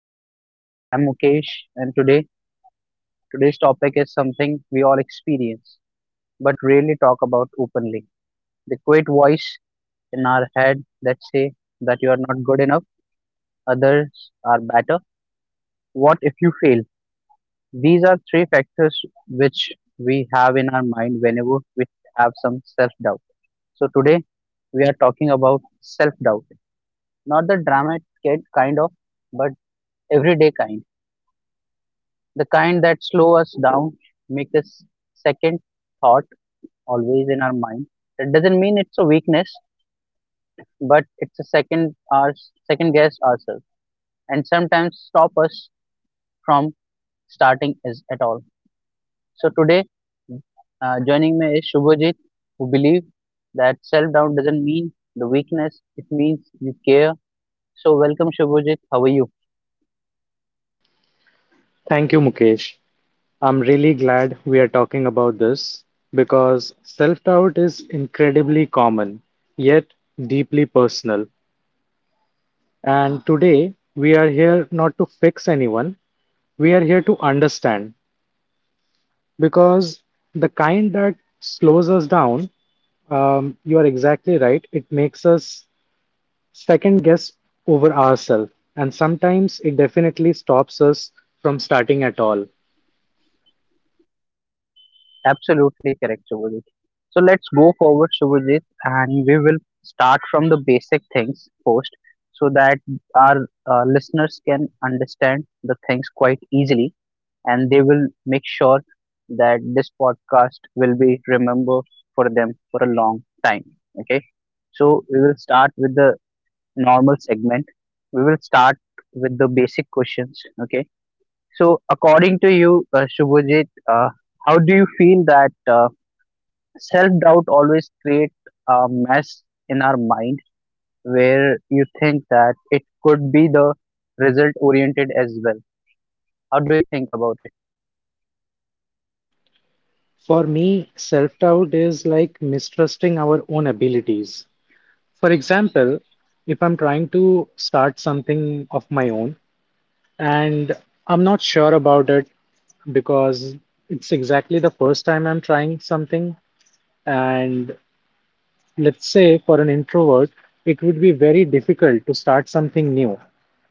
podcast. I'm Mukesh and today's topic is something we all experience but rarely talk about openly. The quiet voice in our head that say that you are not good enough, others are better. What if you fail? These are three factors which we have in our mind whenever we have some self-doubt. So today we are talking about self-doubt. Not the dramatic kind of but everyday kind, the kind that slow us down, make this second thought always in our mind. That doesn't mean it's a weakness, but it's a second our second guess ourselves, and sometimes stop us from starting is at all. So today, joining me is Shubhajit, who believe that self doubt doesn't mean the weakness; it means you care. So welcome, Shubhajit. How are you? Thank you, Mukesh. I'm really glad we are talking about this because self doubt is incredibly common, yet deeply personal. And today, we are here not to fix anyone, we are here to understand because the kind that slows us down, you are exactly right, it makes us second guess over ourselves. And sometimes it definitely stops us from starting at all. Absolutely correct, Shubhajit. So let's go forward, Shubhajit, and we will start from the basic things first so that our listeners can understand the things quite easily and they will make sure that this podcast will be remembered for them for a long time. Okay, so we will start with the normal segment, we will start with the basic questions. Okay, so according to you, Shubhajit, how do you feel that? Self doubt always creates a mess in our mind where you think that it could be the result oriented as well. How do you think about it? For me, self doubt is like mistrusting our own abilities. For example, if I'm trying to start something of my own and I'm not sure about it because it's exactly the first time I'm trying something, and let's say for an introvert, it would be very difficult to start something new.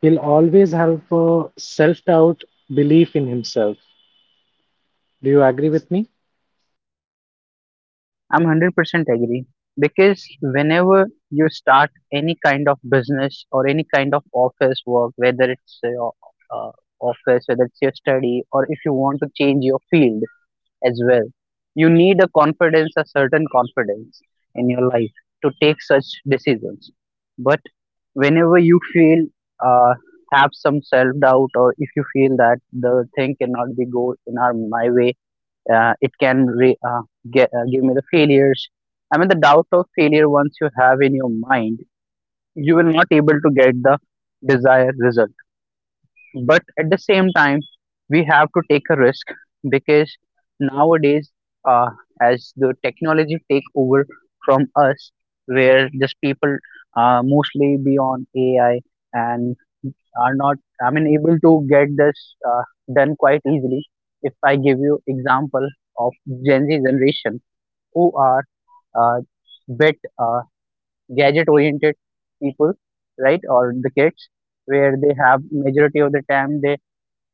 He'll always have a self doubt belief in himself. Do you agree with me? I'm 100% agree because whenever you start any kind of business or any kind of office work, whether it's your uh, office, whether it's your study, or if you want to change your field, as well. You need a confidence, a certain confidence in your life to take such decisions. But whenever you feel, uh, have some self doubt, or if you feel that the thing cannot be go in our, my way, uh, it can re- uh, get, give me the failures. I mean, the doubt of failure once you have in your mind, you will not able to get the desired result but at the same time we have to take a risk because nowadays uh, as the technology take over from us where just people mostly be on AI and are not, I mean able to get this done quite easily if I give you example of Gen Z generation who are uh, bit gadget oriented people, right? Or the kids where they have majority of the time they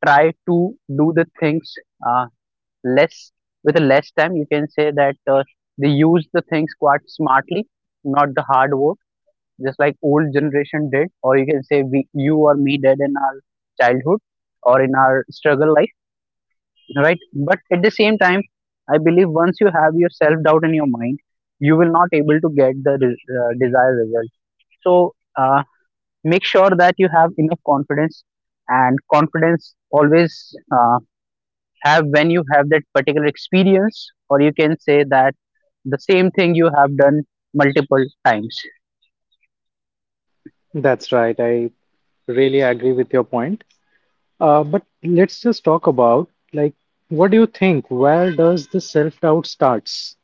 try to do the things uh, less with a less time. You can say that they use the things quite smartly, not the hard work, just like old generation did, or you can say we, you or me did in our childhood or in our struggle life, right? But at the same time, I believe once you have your self doubt in your mind, you will not able to get the desired result. So make sure that you have enough confidence, and confidence always. Have when you have that particular experience, or you can say that the same thing you have done multiple times. That's right. I really agree with your point. But let's just talk about like what do you think? Where does the self-doubt starts?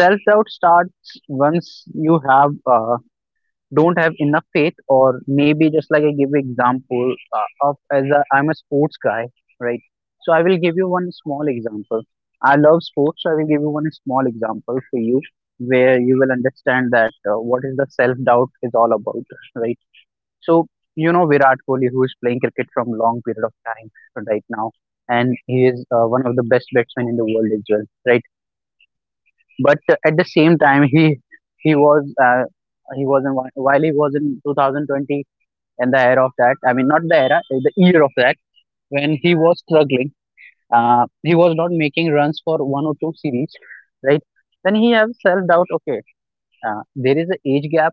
Self doubt starts once you have don't have enough faith or maybe just like I give you example of, I'm a sports guy, right? So I will give you one small example. I love sports so I will give you one small example for you where you will understand that what is the self doubt is all about, right? So you know Virat Kohli who is playing cricket from long period of time right now and he is one of the best batsmen in the world as well, right? But at the same time he was he was in while he was in 2020 and the era of that, I mean not the era, the year of that when he was struggling. He was not making runs for one or two series, right? Then he have self doubt. Okay, there is an age gap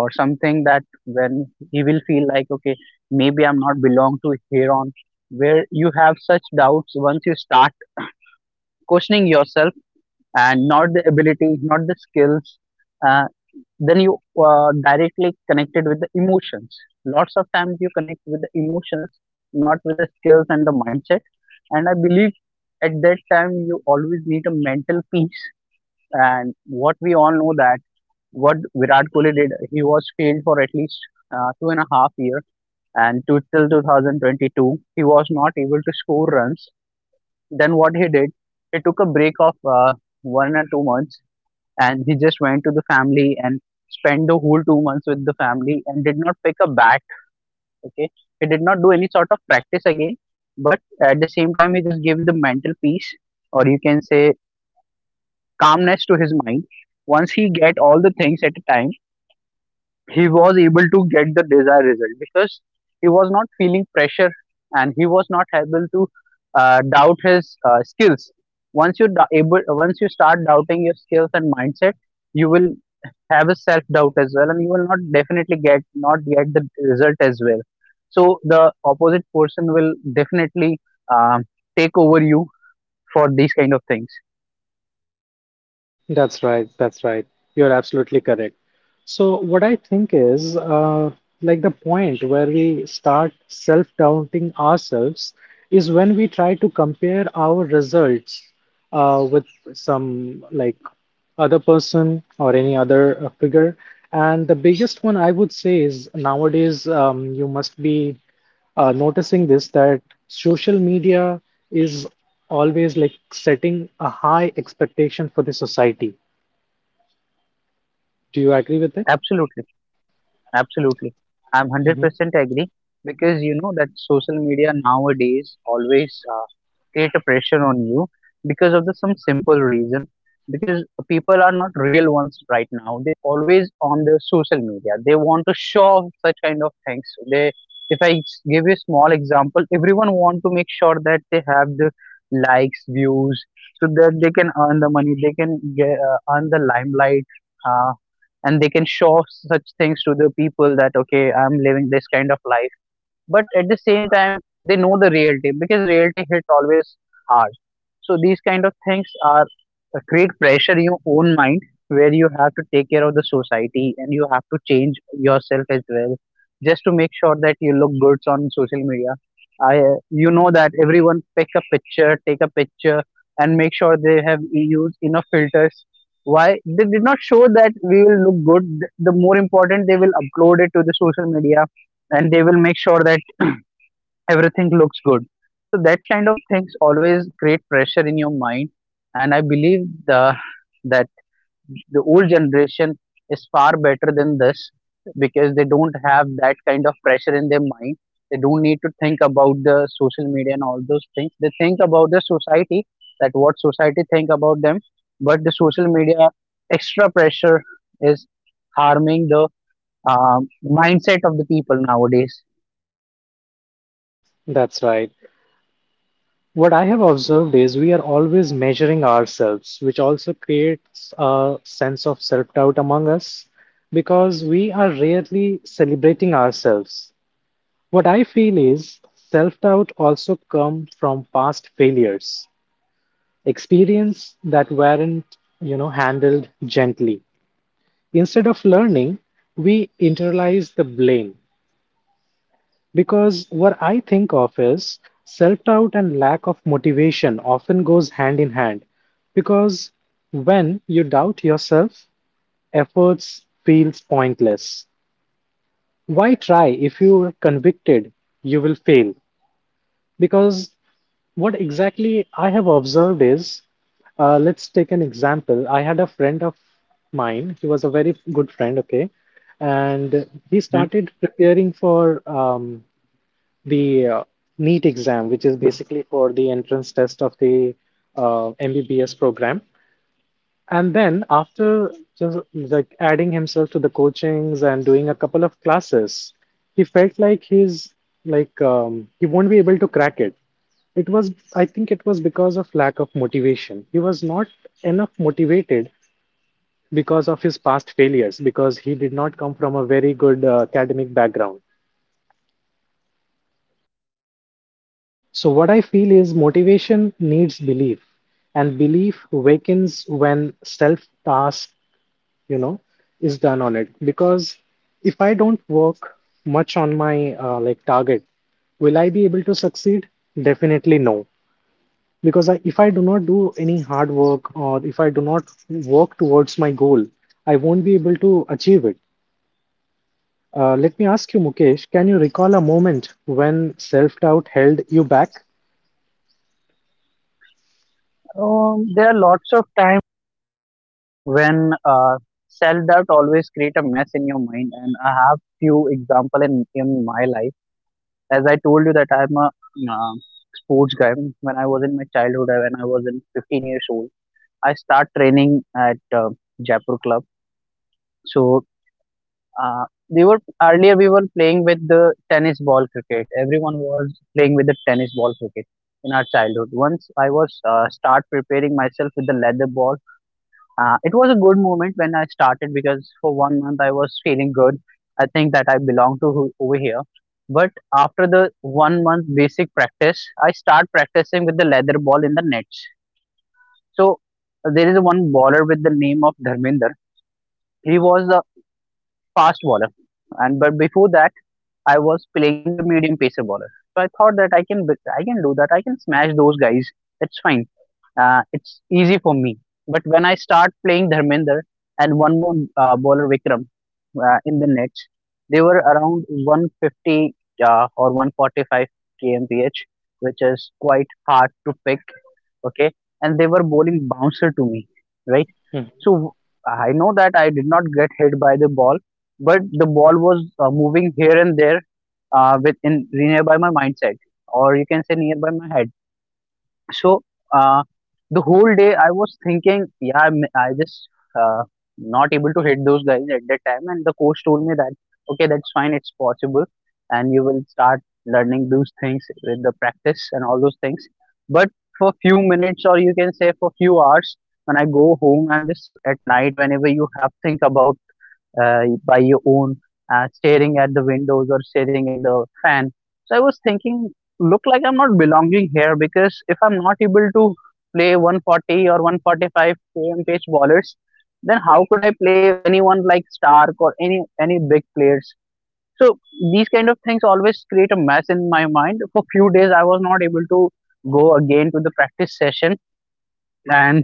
or something that when he will feel like, okay, maybe I'm not belong to here on where you have such doubts once you start questioning yourself and not the ability not the skills, uh, then you directly connected with the emotions. Lots of times you connect with the emotions not with the skills and the mindset and I believe at that time you always need a mental peace. And what we all know that what Virat Kohli did, he was failed for at least two and a half year and till 2022 he was not able to score runs. Then what he did, he took a break of 1 or 2 months and he just went to the family and spent the whole 2 months with the family and did not pick a bat. Okay, he did not do any sort of practice again. But at the same time he just gave the mental peace, or you can say calmness to his mind. Once he get all the things at a time, he was able to get the desired result because he was not feeling pressure and he was not able to doubt his skills. Once you start doubting your skills and mindset, you will have a self doubt as well and you will not definitely get not get the result as well. So the opposite person will definitely um, take over you for these kind of things. That's right. That's right. You're absolutely correct. So what I think is like the point where we start self-doubting ourselves is when we try to compare our results with some like other person or any other figure. And the biggest one I would say is nowadays you must be noticing this that social media is always like setting a high expectation for the society. Do you agree with it? Absolutely. Absolutely. I'm Hmm. 100% agree because you know that social media nowadays always create a pressure on you because of the some simple reason, because people are not real ones right now, they always on the social media they want to show off such kind of things. They, if I give you a small example, everyone want to make sure that they have the likes, views so that they can earn the money, they can earn the limelight, uh, and they can show such things to the people that okay, I'm living this kind of life. But at the same time they know the reality because reality hit always hard. So these kind of things are create pressure in your own mind where you have to take care of the society and you have to change yourself as well just to make sure that you look good on social media. I You know that everyone pick a picture, take a picture and make sure they have used enough filters. Why they did not show that we will look good, the more important they will upload it to the social media and they will make sure that everything looks good. So that kind of things always create pressure in your mind. And I believe the that the old generation is far better than this because they don't have that kind of pressure in their mind. They don't need to think about the social media and all those things, they think about the society, that what society think about them. But the social media extra pressure is harming the um, mindset of the people nowadays. That's right. What I have observed is we are always measuring ourselves, which also creates a sense of self doubt among us because we are rarely celebrating ourselves. What I feel is self doubt also comes from past failures, experience that weren't, you know, handled gently. Instead of learning, we internalize the blame because what I think of is self doubt and lack of motivation often goes hand in hand because when you doubt yourself, efforts feels pointless. Why try if you are convicted you will fail? Because what exactly I have observed is, let's take an example. I had a friend of mine. He was a very good friend, okay, and he Hmm. started preparing for the NEET exam, which is basically for the entrance test of the MBBS program. And then after just like adding himself to the coachings and doing a couple of classes, he felt like he won't be able to crack it. It was I think it was because of lack of motivation. He was not enough motivated because of his past failures because he did not come from a very good academic background. So what I feel is motivation needs belief and belief wakens when self task, you know, is done on it because if I don't work much on my like target, will I be able to succeed? Definitely no. Because if I do not do any hard work or if I do not work towards my goal, I won't be able to achieve it. Let me ask you, Mukesh, can you recall a moment when self-doubt held you back? There are lots of when sell that always create a mess in your mind and I have few example in my life. As I told you that I'm a uh, sports guy, when I was in my childhood, when I was in 15 years old, I start training at Jaipur club. So uh, we were earlier we were playing with the tennis ball cricket, everyone was playing with the tennis ball cricket in our childhood. Once I was start preparing myself with the leather ball. It was a good moment when I started because for 1 month I was feeling good. I think that I belong to over here. But after the 1 month basic practice, I start practicing with the leather ball in the nets. So there is one bowler with the name of Dharminder. He was a fast bowler, and but before that I was playing the medium pacer bowler. So I thought that I can do that. I can smash those guys. That's fine. It's easy for me. But when I start playing Dharmender and one more bowler Vikram in the nets, they were around 150 or 145 kmph, which is quite hard to pick. Okay, and they were bowling bouncer to me, right? So I know that I did not get hit by the ball, but the ball was moving here and there within nearby my mindset, or you can say nearby my head. So, uh, the whole day I was thinking, yeah, I just uh, not able to hit those guys at that time, and the coach told me that okay, that's fine, it's possible, and you will start learning those things with the practice and all those things. But for few minutes, or you can say for few hours, when I go home and just at night, whenever you have think about by your own, staring at the windows or staring at the fan. So I was thinking, look like I'm not belonging here because if I'm not able to play 140 or 145 km pace bowlers, then how could I play anyone like Stark or any big players? So these kind of things always create a mess in my mind. For few days, I was not able to go again to the practice session, and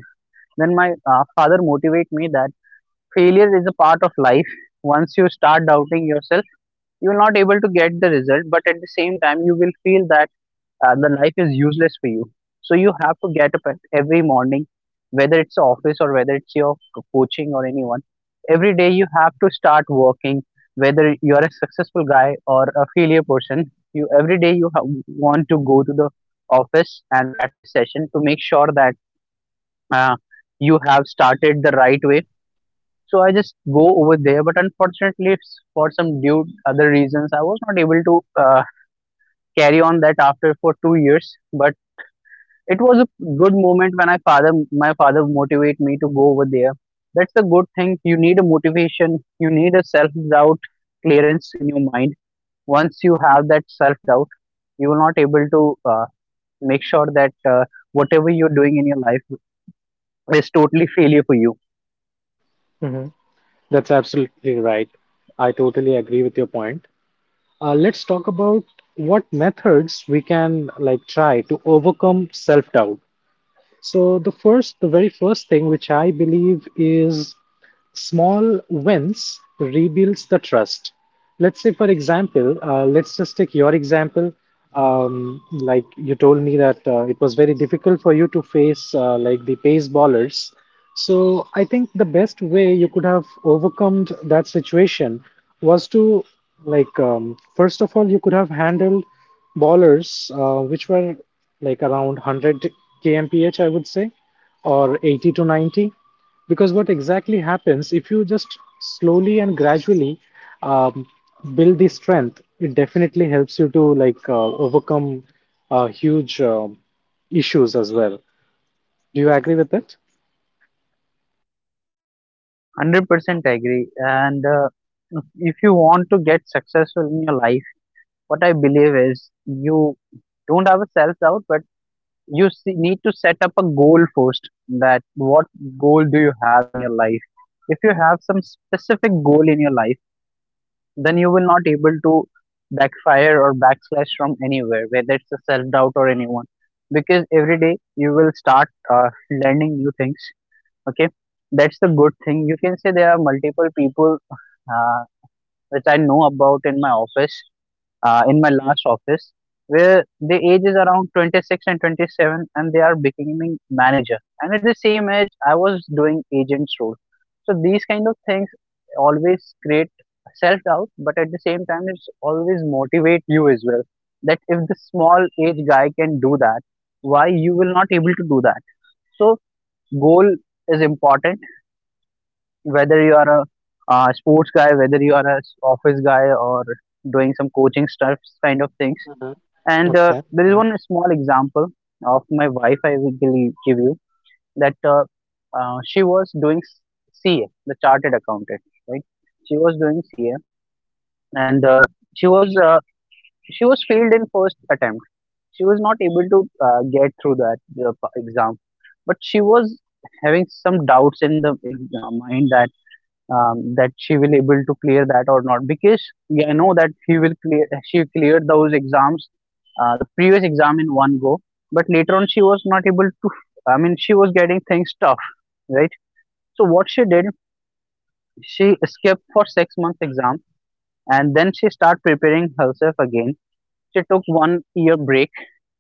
then my father motivate me that failure is a part of life. Once you start doubting yourself, you will not able to get the result, but at the same time you will feel that the life is useless for you. So you have to get up at every morning, whether it's office or whether it's your coaching or anyone. Every day you have to start working. Whether you are a successful guy or a failure person, you every day you have, want to go to the office and practice session to make sure that uh, you have started the right way. So I just go over there, but unfortunately, it's for some due other reasons, I was not able to carry on that after for 2 years. But it was a good moment when my father motivate me to go over there. That's the good thing. You need a motivation. You need a self doubt clearance in your mind. Once you have that self doubt, you will not able to make sure that whatever you're doing in your life is totally failure for you. Mhm. That's absolutely right. I totally agree with your point. Let's talk about what methods we can like try to overcome self doubt. So the first, the very first thing which I believe is small wins rebuilds the trust. Let's say, for example, let's just take your example. Like you told me that it was very difficult for you to face like the pace ballers. So I think the best way you could have overcome that situation was to like first of all you could have handled ballers which were like around 100 kmph I would say, or 80 to 90, because what exactly happens if you just slowly and gradually um, build the strength, it definitely helps you to like overcome huge issues as well. Do you agree with it? 100% agree. And if if you want to get successful in your life, what I believe is you don't have a self doubt, but you see, need to set up a goal first. That what goal do you have in your life? If you have some specific goal in your life, then you will not able to backfire or backslash from anywhere, whether it's a self doubt or anyone, because every day you will start learning new things. Okay, that's the good thing. You can say there are multiple people which I know about in my office, in my last office, where the age is around 26 and 27, and they are becoming manager. And at the same age, I was doing agent's role. So these kind of things always create self doubt, but at the same time, it's always motivate you as well. That if the small age guy can do that, why you will not able to do that? So goal is important, whether you are a sports guy, whether you are a office guy or doing some coaching stuff kind of things. Mhm. And Okay, there is one small example of my wife I will give you, that she was doing CA, the Chartered Accountant, right? She was doing CA, and she was uh, she was failed in first attempt. She was not able to get through that exam, but she was having some doubts in the mind that she will able to clear that or not because yeah, I know that she cleared those exams the previous exam in one go, but later on she was not able to. I mean, she was getting things tough, right? So what she did, she skipped for 6 months exam, and then she start preparing herself again. She took 1 year break.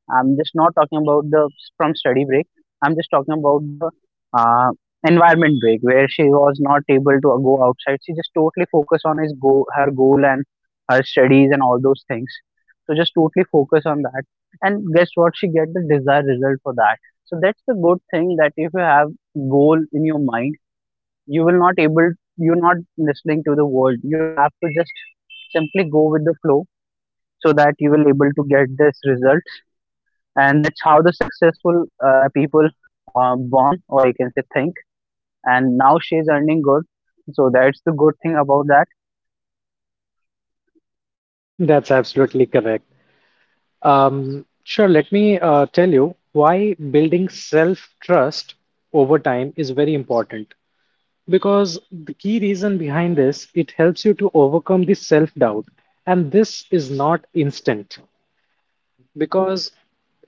I'm just not talking about the from study break. I'm just talking about the uh, environment break where she was not able to go outside. She just totally focused on his goal, her goal and her studies and all those things. So just totally focus on that. And guess what? She get the desired result for that. So that's the good thing that if you have goal in your mind, you will not able you're not listening to the world. You have to just simply go with the flow so that you will able to get this result. And that's how the successful people are born, or you can say think. And now she's earning good, so that's the good thing about that. that's absolutely correct. Sure, let me tell you why building self-trust over time is very important. Because the key reason behind this, it helps you to overcome the self-doubt, and this is not instant. Because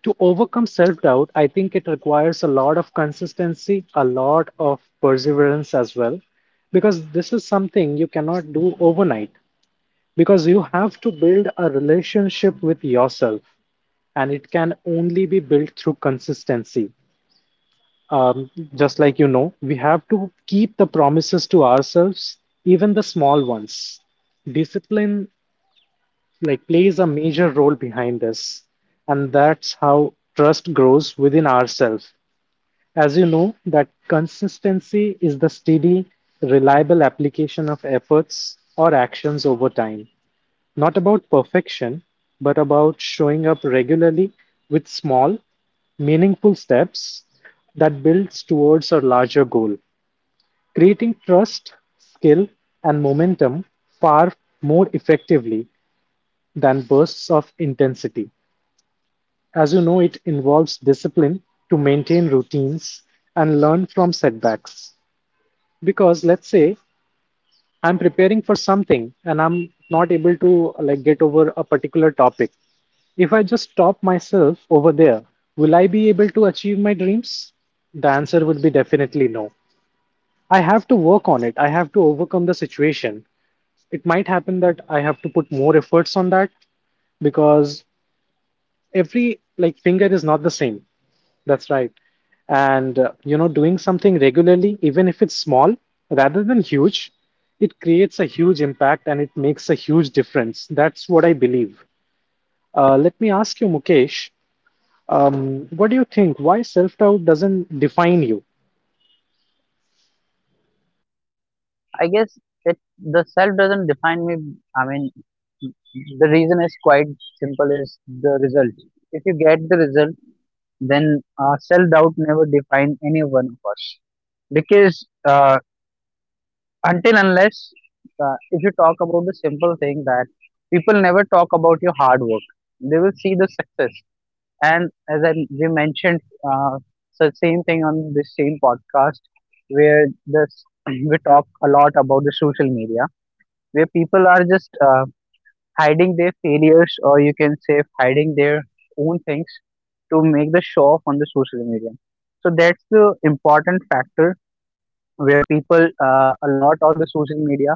to overcome self doubt, I think it requires a lot of consistency, a lot of perseverance as well, because this is something you cannot do overnight, because you have to build a relationship with yourself, and it can only be built through consistency. Um, just like, you know, we have to keep the promises to ourselves, even the small ones. Discipline like plays a major role behind this, and that's how trust grows within ourselves. As you know, that consistency is the steady, reliable application of efforts or actions over time, not about perfection, but about showing up regularly with small meaningful steps that builds towards a larger goal, creating trust, skill and momentum far more effectively than bursts of intensity. As you know, it involves discipline to maintain routines and learn from setbacks. Because let's say I'm preparing for something and I'm not able to like get over a particular topic. If I just stop myself over there, will I be able to achieve my dreams? The answer would be definitely no. I have to work on it. I have to overcome the situation. It might happen that I have to put more efforts on that because every like finger is not the same. That's right. And, you know, doing something regularly, even if it's small rather than huge, it creates a huge impact and it makes a huge difference. That's what I believe. Let me ask you, Mukesh, what do you think? Why self doubt doesn't define you? I guess it the self doesn't define me. I mean, the reason is quite simple is the result. If you get the result, then self doubt never define any one of us. Because until unless if you talk about the simple thing that people never talk about your hard work, they will see the success. And as I we mentioned, so same thing on this same podcast where this we talk a lot about the social media, where people are just hiding their failures, or you can say hiding their own things to make the show off on the social media. So that's the important factor where people a lot on the social media.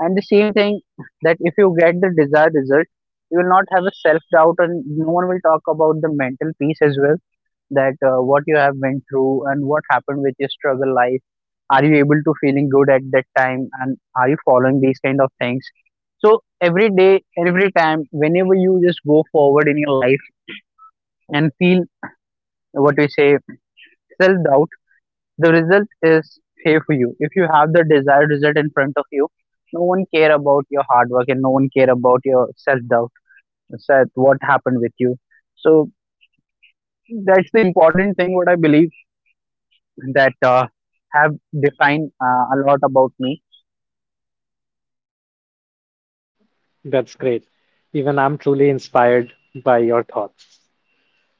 And the same thing, that if you get the desired result, you will not have a self doubt, and no one will talk about the mental peace as well. That what you have went through and what happened with your struggle life, are you able to feeling good at that time, and are you following these kind of things? So every day every time whenever you just go forward in your life and feel what we say self doubt, the result is here for you. If you have the desired result in front of you, no one care about your hard work and no one care about your self doubt what happened with you. So that's the important thing what I believe, that have defined a lot about me. That's great. Even I'm truly inspired by your thoughts.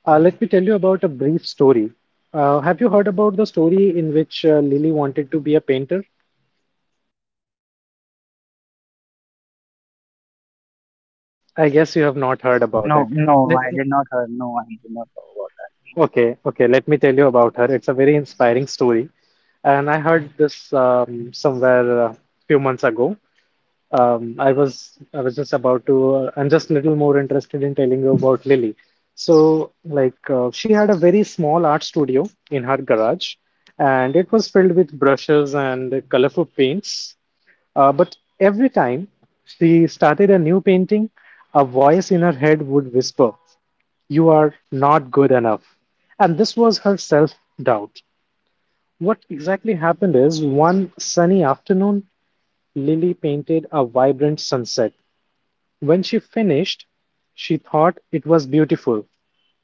Let me tell you about a brief story. Have you heard about the story in which Lily wanted to be a painter? I guess you have not heard about No, it. no, Let I did not heard. No, I did not know about that. Okay, okay, let me tell you about her. It's a very inspiring story. And I heard this somewhere a few months ago. I was just about to I'm just a little more interested in telling you about Lily. So like she had a very small art studio in her garage, and it was filled with brushes and colorful paints. But every time she started a new painting, a voice in her head would whisper, "You are not good enough." And this was her self doubt. What exactly happened is one sunny afternoon, Lily painted a vibrant sunset. When she finished, she thought it was beautiful,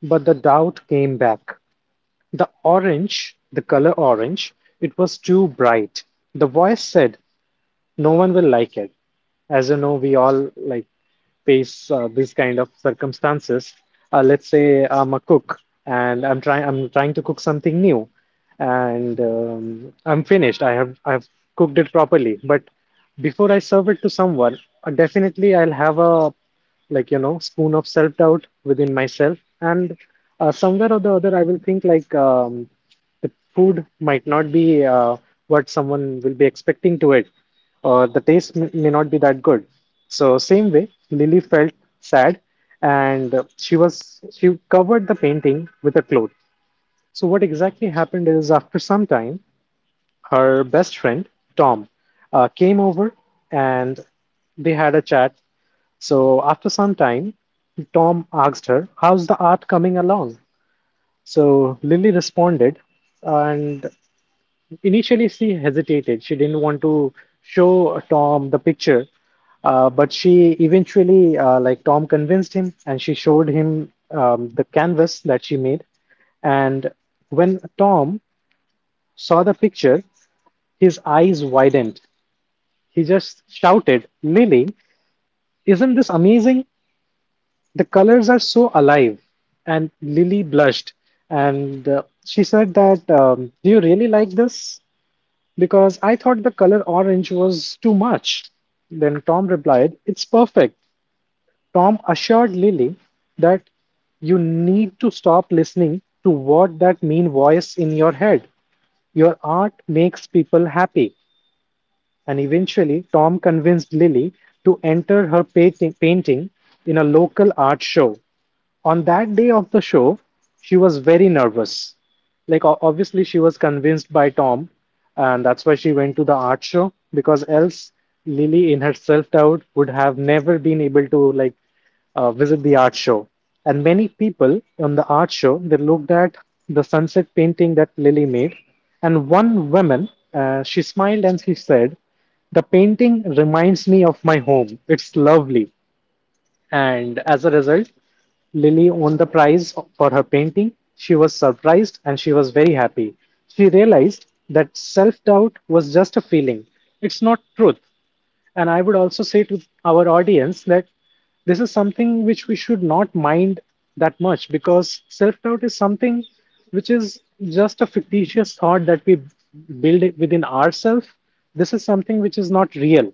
but the doubt came back. The color orange, it was too bright. The voice said, no one will like it. As you know, we all like face these kind of circumstances. Let's say I'm a cook and I'm trying to cook something new, and I'm finished. I've cooked it properly, but before I serve it to someone, definitely I'll have a, like, you know, spoon of self doubt within myself, and somewhere or the other I will think like. The food might not be what someone will be expecting to it, or the taste may not be that good. So, same way, Lily felt sad, and she covered the painting with a cloth. So, what exactly happened is after some time, her best friend Tom came over, and they had a chat. So, after some time, Tom asked her, "How's the art coming along?" So Lily responded, and initially, she hesitated. She didn't want to show Tom the picture, but she eventually, like Tom, convinced him, and she showed him the canvas that she made. And when Tom saw the picture, his eyes widened. He just shouted, "Lily, isn't this amazing? The colors are so alive!" And Lily blushed, and she said that, "Do you really like this? Because I thought the color orange was too much." Then Tom replied, "It's perfect." Tom assured Lily that you need to stop listening to what that mean voice in your head. Your art makes people happy. And eventually Tom convinced Lily to enter her painting in a local art show. On that day of the show, she was very nervous. Like, obviously, she was convinced by Tom, and that's why she went to the art show, because else Lily, in her self doubt, would have never been able to like visit the art show. And many people on the art show they looked at the sunset painting that Lily made, and one woman she smiled and she said, "The painting reminds me of my home. It's lovely." And as a result, Lily won the prize for her painting. She was surprised and she was very happy. She realized that self doubt was just a feeling, it's not truth. And I would also say to our audience that this is something which we should not mind that much, because self doubt is something which is just a fictitious thought that we build it within ourselves. This is something which is not real.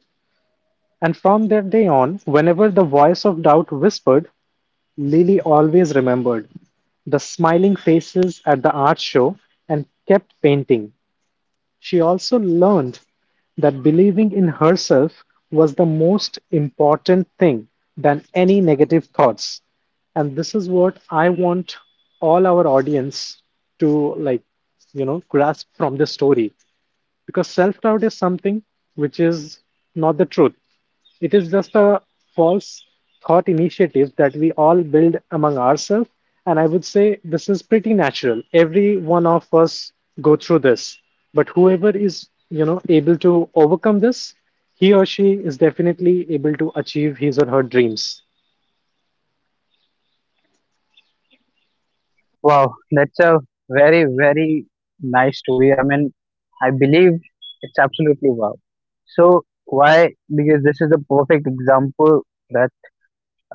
And from that day on, whenever the voice of doubt whispered, Lily always remembered the smiling faces at the art show and kept painting. She also learned that believing in herself was the most important thing than any negative thoughts. And this is what I want all our audience to, like, you know, grasp from this story, because self doubt is something which is not the truth. It is just a false thought initiative that we all build among ourselves. And I would say this is pretty natural. Every one of us go through this. But whoever is, you know, able to overcome this, he or she is definitely able to achieve his or her dreams. Wow, that's a very, very nice story. I mean, I believe it's absolutely wow. So why? Because this is the perfect example that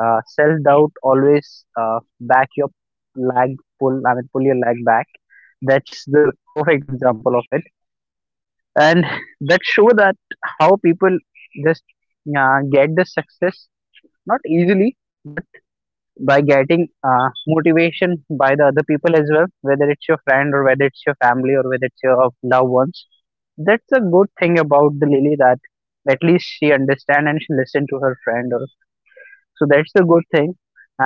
self doubt always back your leg pull. I mean, pull your leg back. That's the perfect example of it, and that show that how people just get the success not easily but by getting motivation by the other people as well, whether it's your friend or whether it's your family or whether it's your loved ones. That's a good thing about the Lily, that at least she understand and she listen to her friend or so. That's the good thing.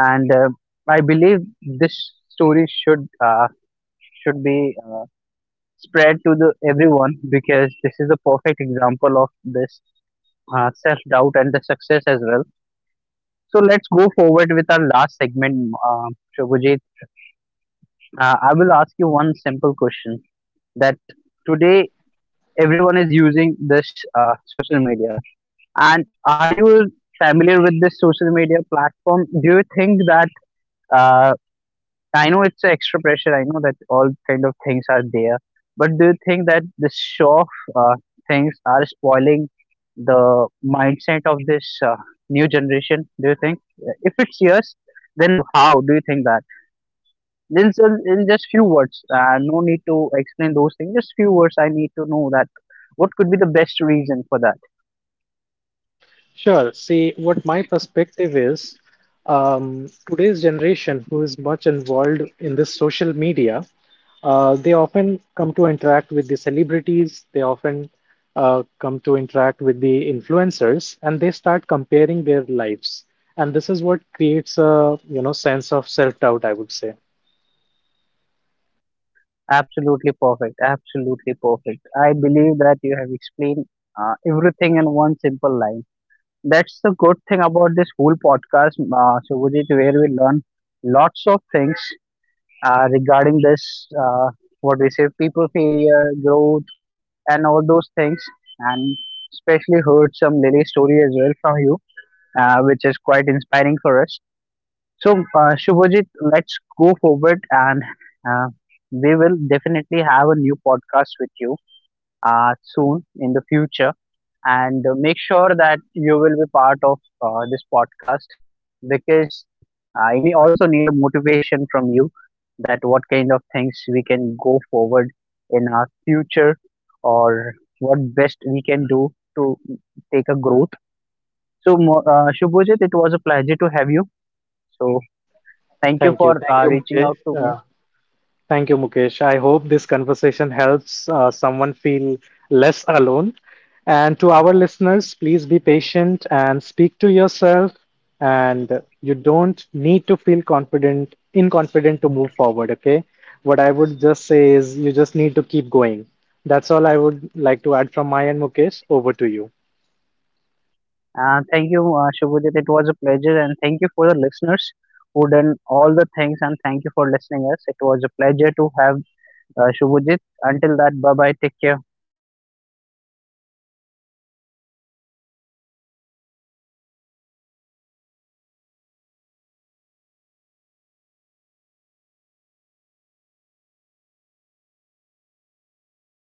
And I believe this story should be spread to the everyone, because this is a perfect example of this self doubt and the success as well. So let's go forward with our last segment, Shobhajit. I will ask you one simple question, that today everyone is using this social media, and are you familiar with this social media platform? Do you think that uh, I know it's extra pressure, I know that all kind of things are there, but do you think that the show of uh, things are spoiling the mindset of this new generation? Do you think? If it's yes, then how do you think that? Then so in just few words, no need to explain those things. Just few words. I need to know that what could be the best reason for that. Sure. See, what my perspective is, today's generation who is much involved in this social media, they often come to interact with the celebrities, they often come to interact with the influencers, and they start comparing their lives. And this is what creates a, you know, sense of self doubt, I would say. Absolutely perfect. Absolutely perfect. I believe that you have explained everything in one simple line. That's the good thing about this whole podcast, Subhajit, where we learn lots of things regarding this, what we say, people failure, growth, and all those things. And especially heard some Lily story as well from you, which is quite inspiring for us. So, Shubhajit, let's go forward and uh, we will definitely have a new podcast with you soon in the future. And make sure that you will be part of this podcast because also need a motivation from you, that what kind of things we can go forward in our future, or what best we can do to take a growth. So, Shubhajit, it was a pleasure to have you. So, thank you for Thank you, reaching Mukesh. out to me. Thank you, Mukesh. I hope this conversation helps someone feel less alone. And to our listeners, please be patient and speak to yourself. And you don't need to feel confident, inconfident to move forward, okay? What I would just say is you just need to keep going. That's all I would like to add from my end, Mukesh. Over to you. Thank you, Shubhajit. It was a pleasure, and thank you for the listeners who done all the things. And thank you for listening us. It was a pleasure to have Shubhajit. Until that, bye bye. Take care.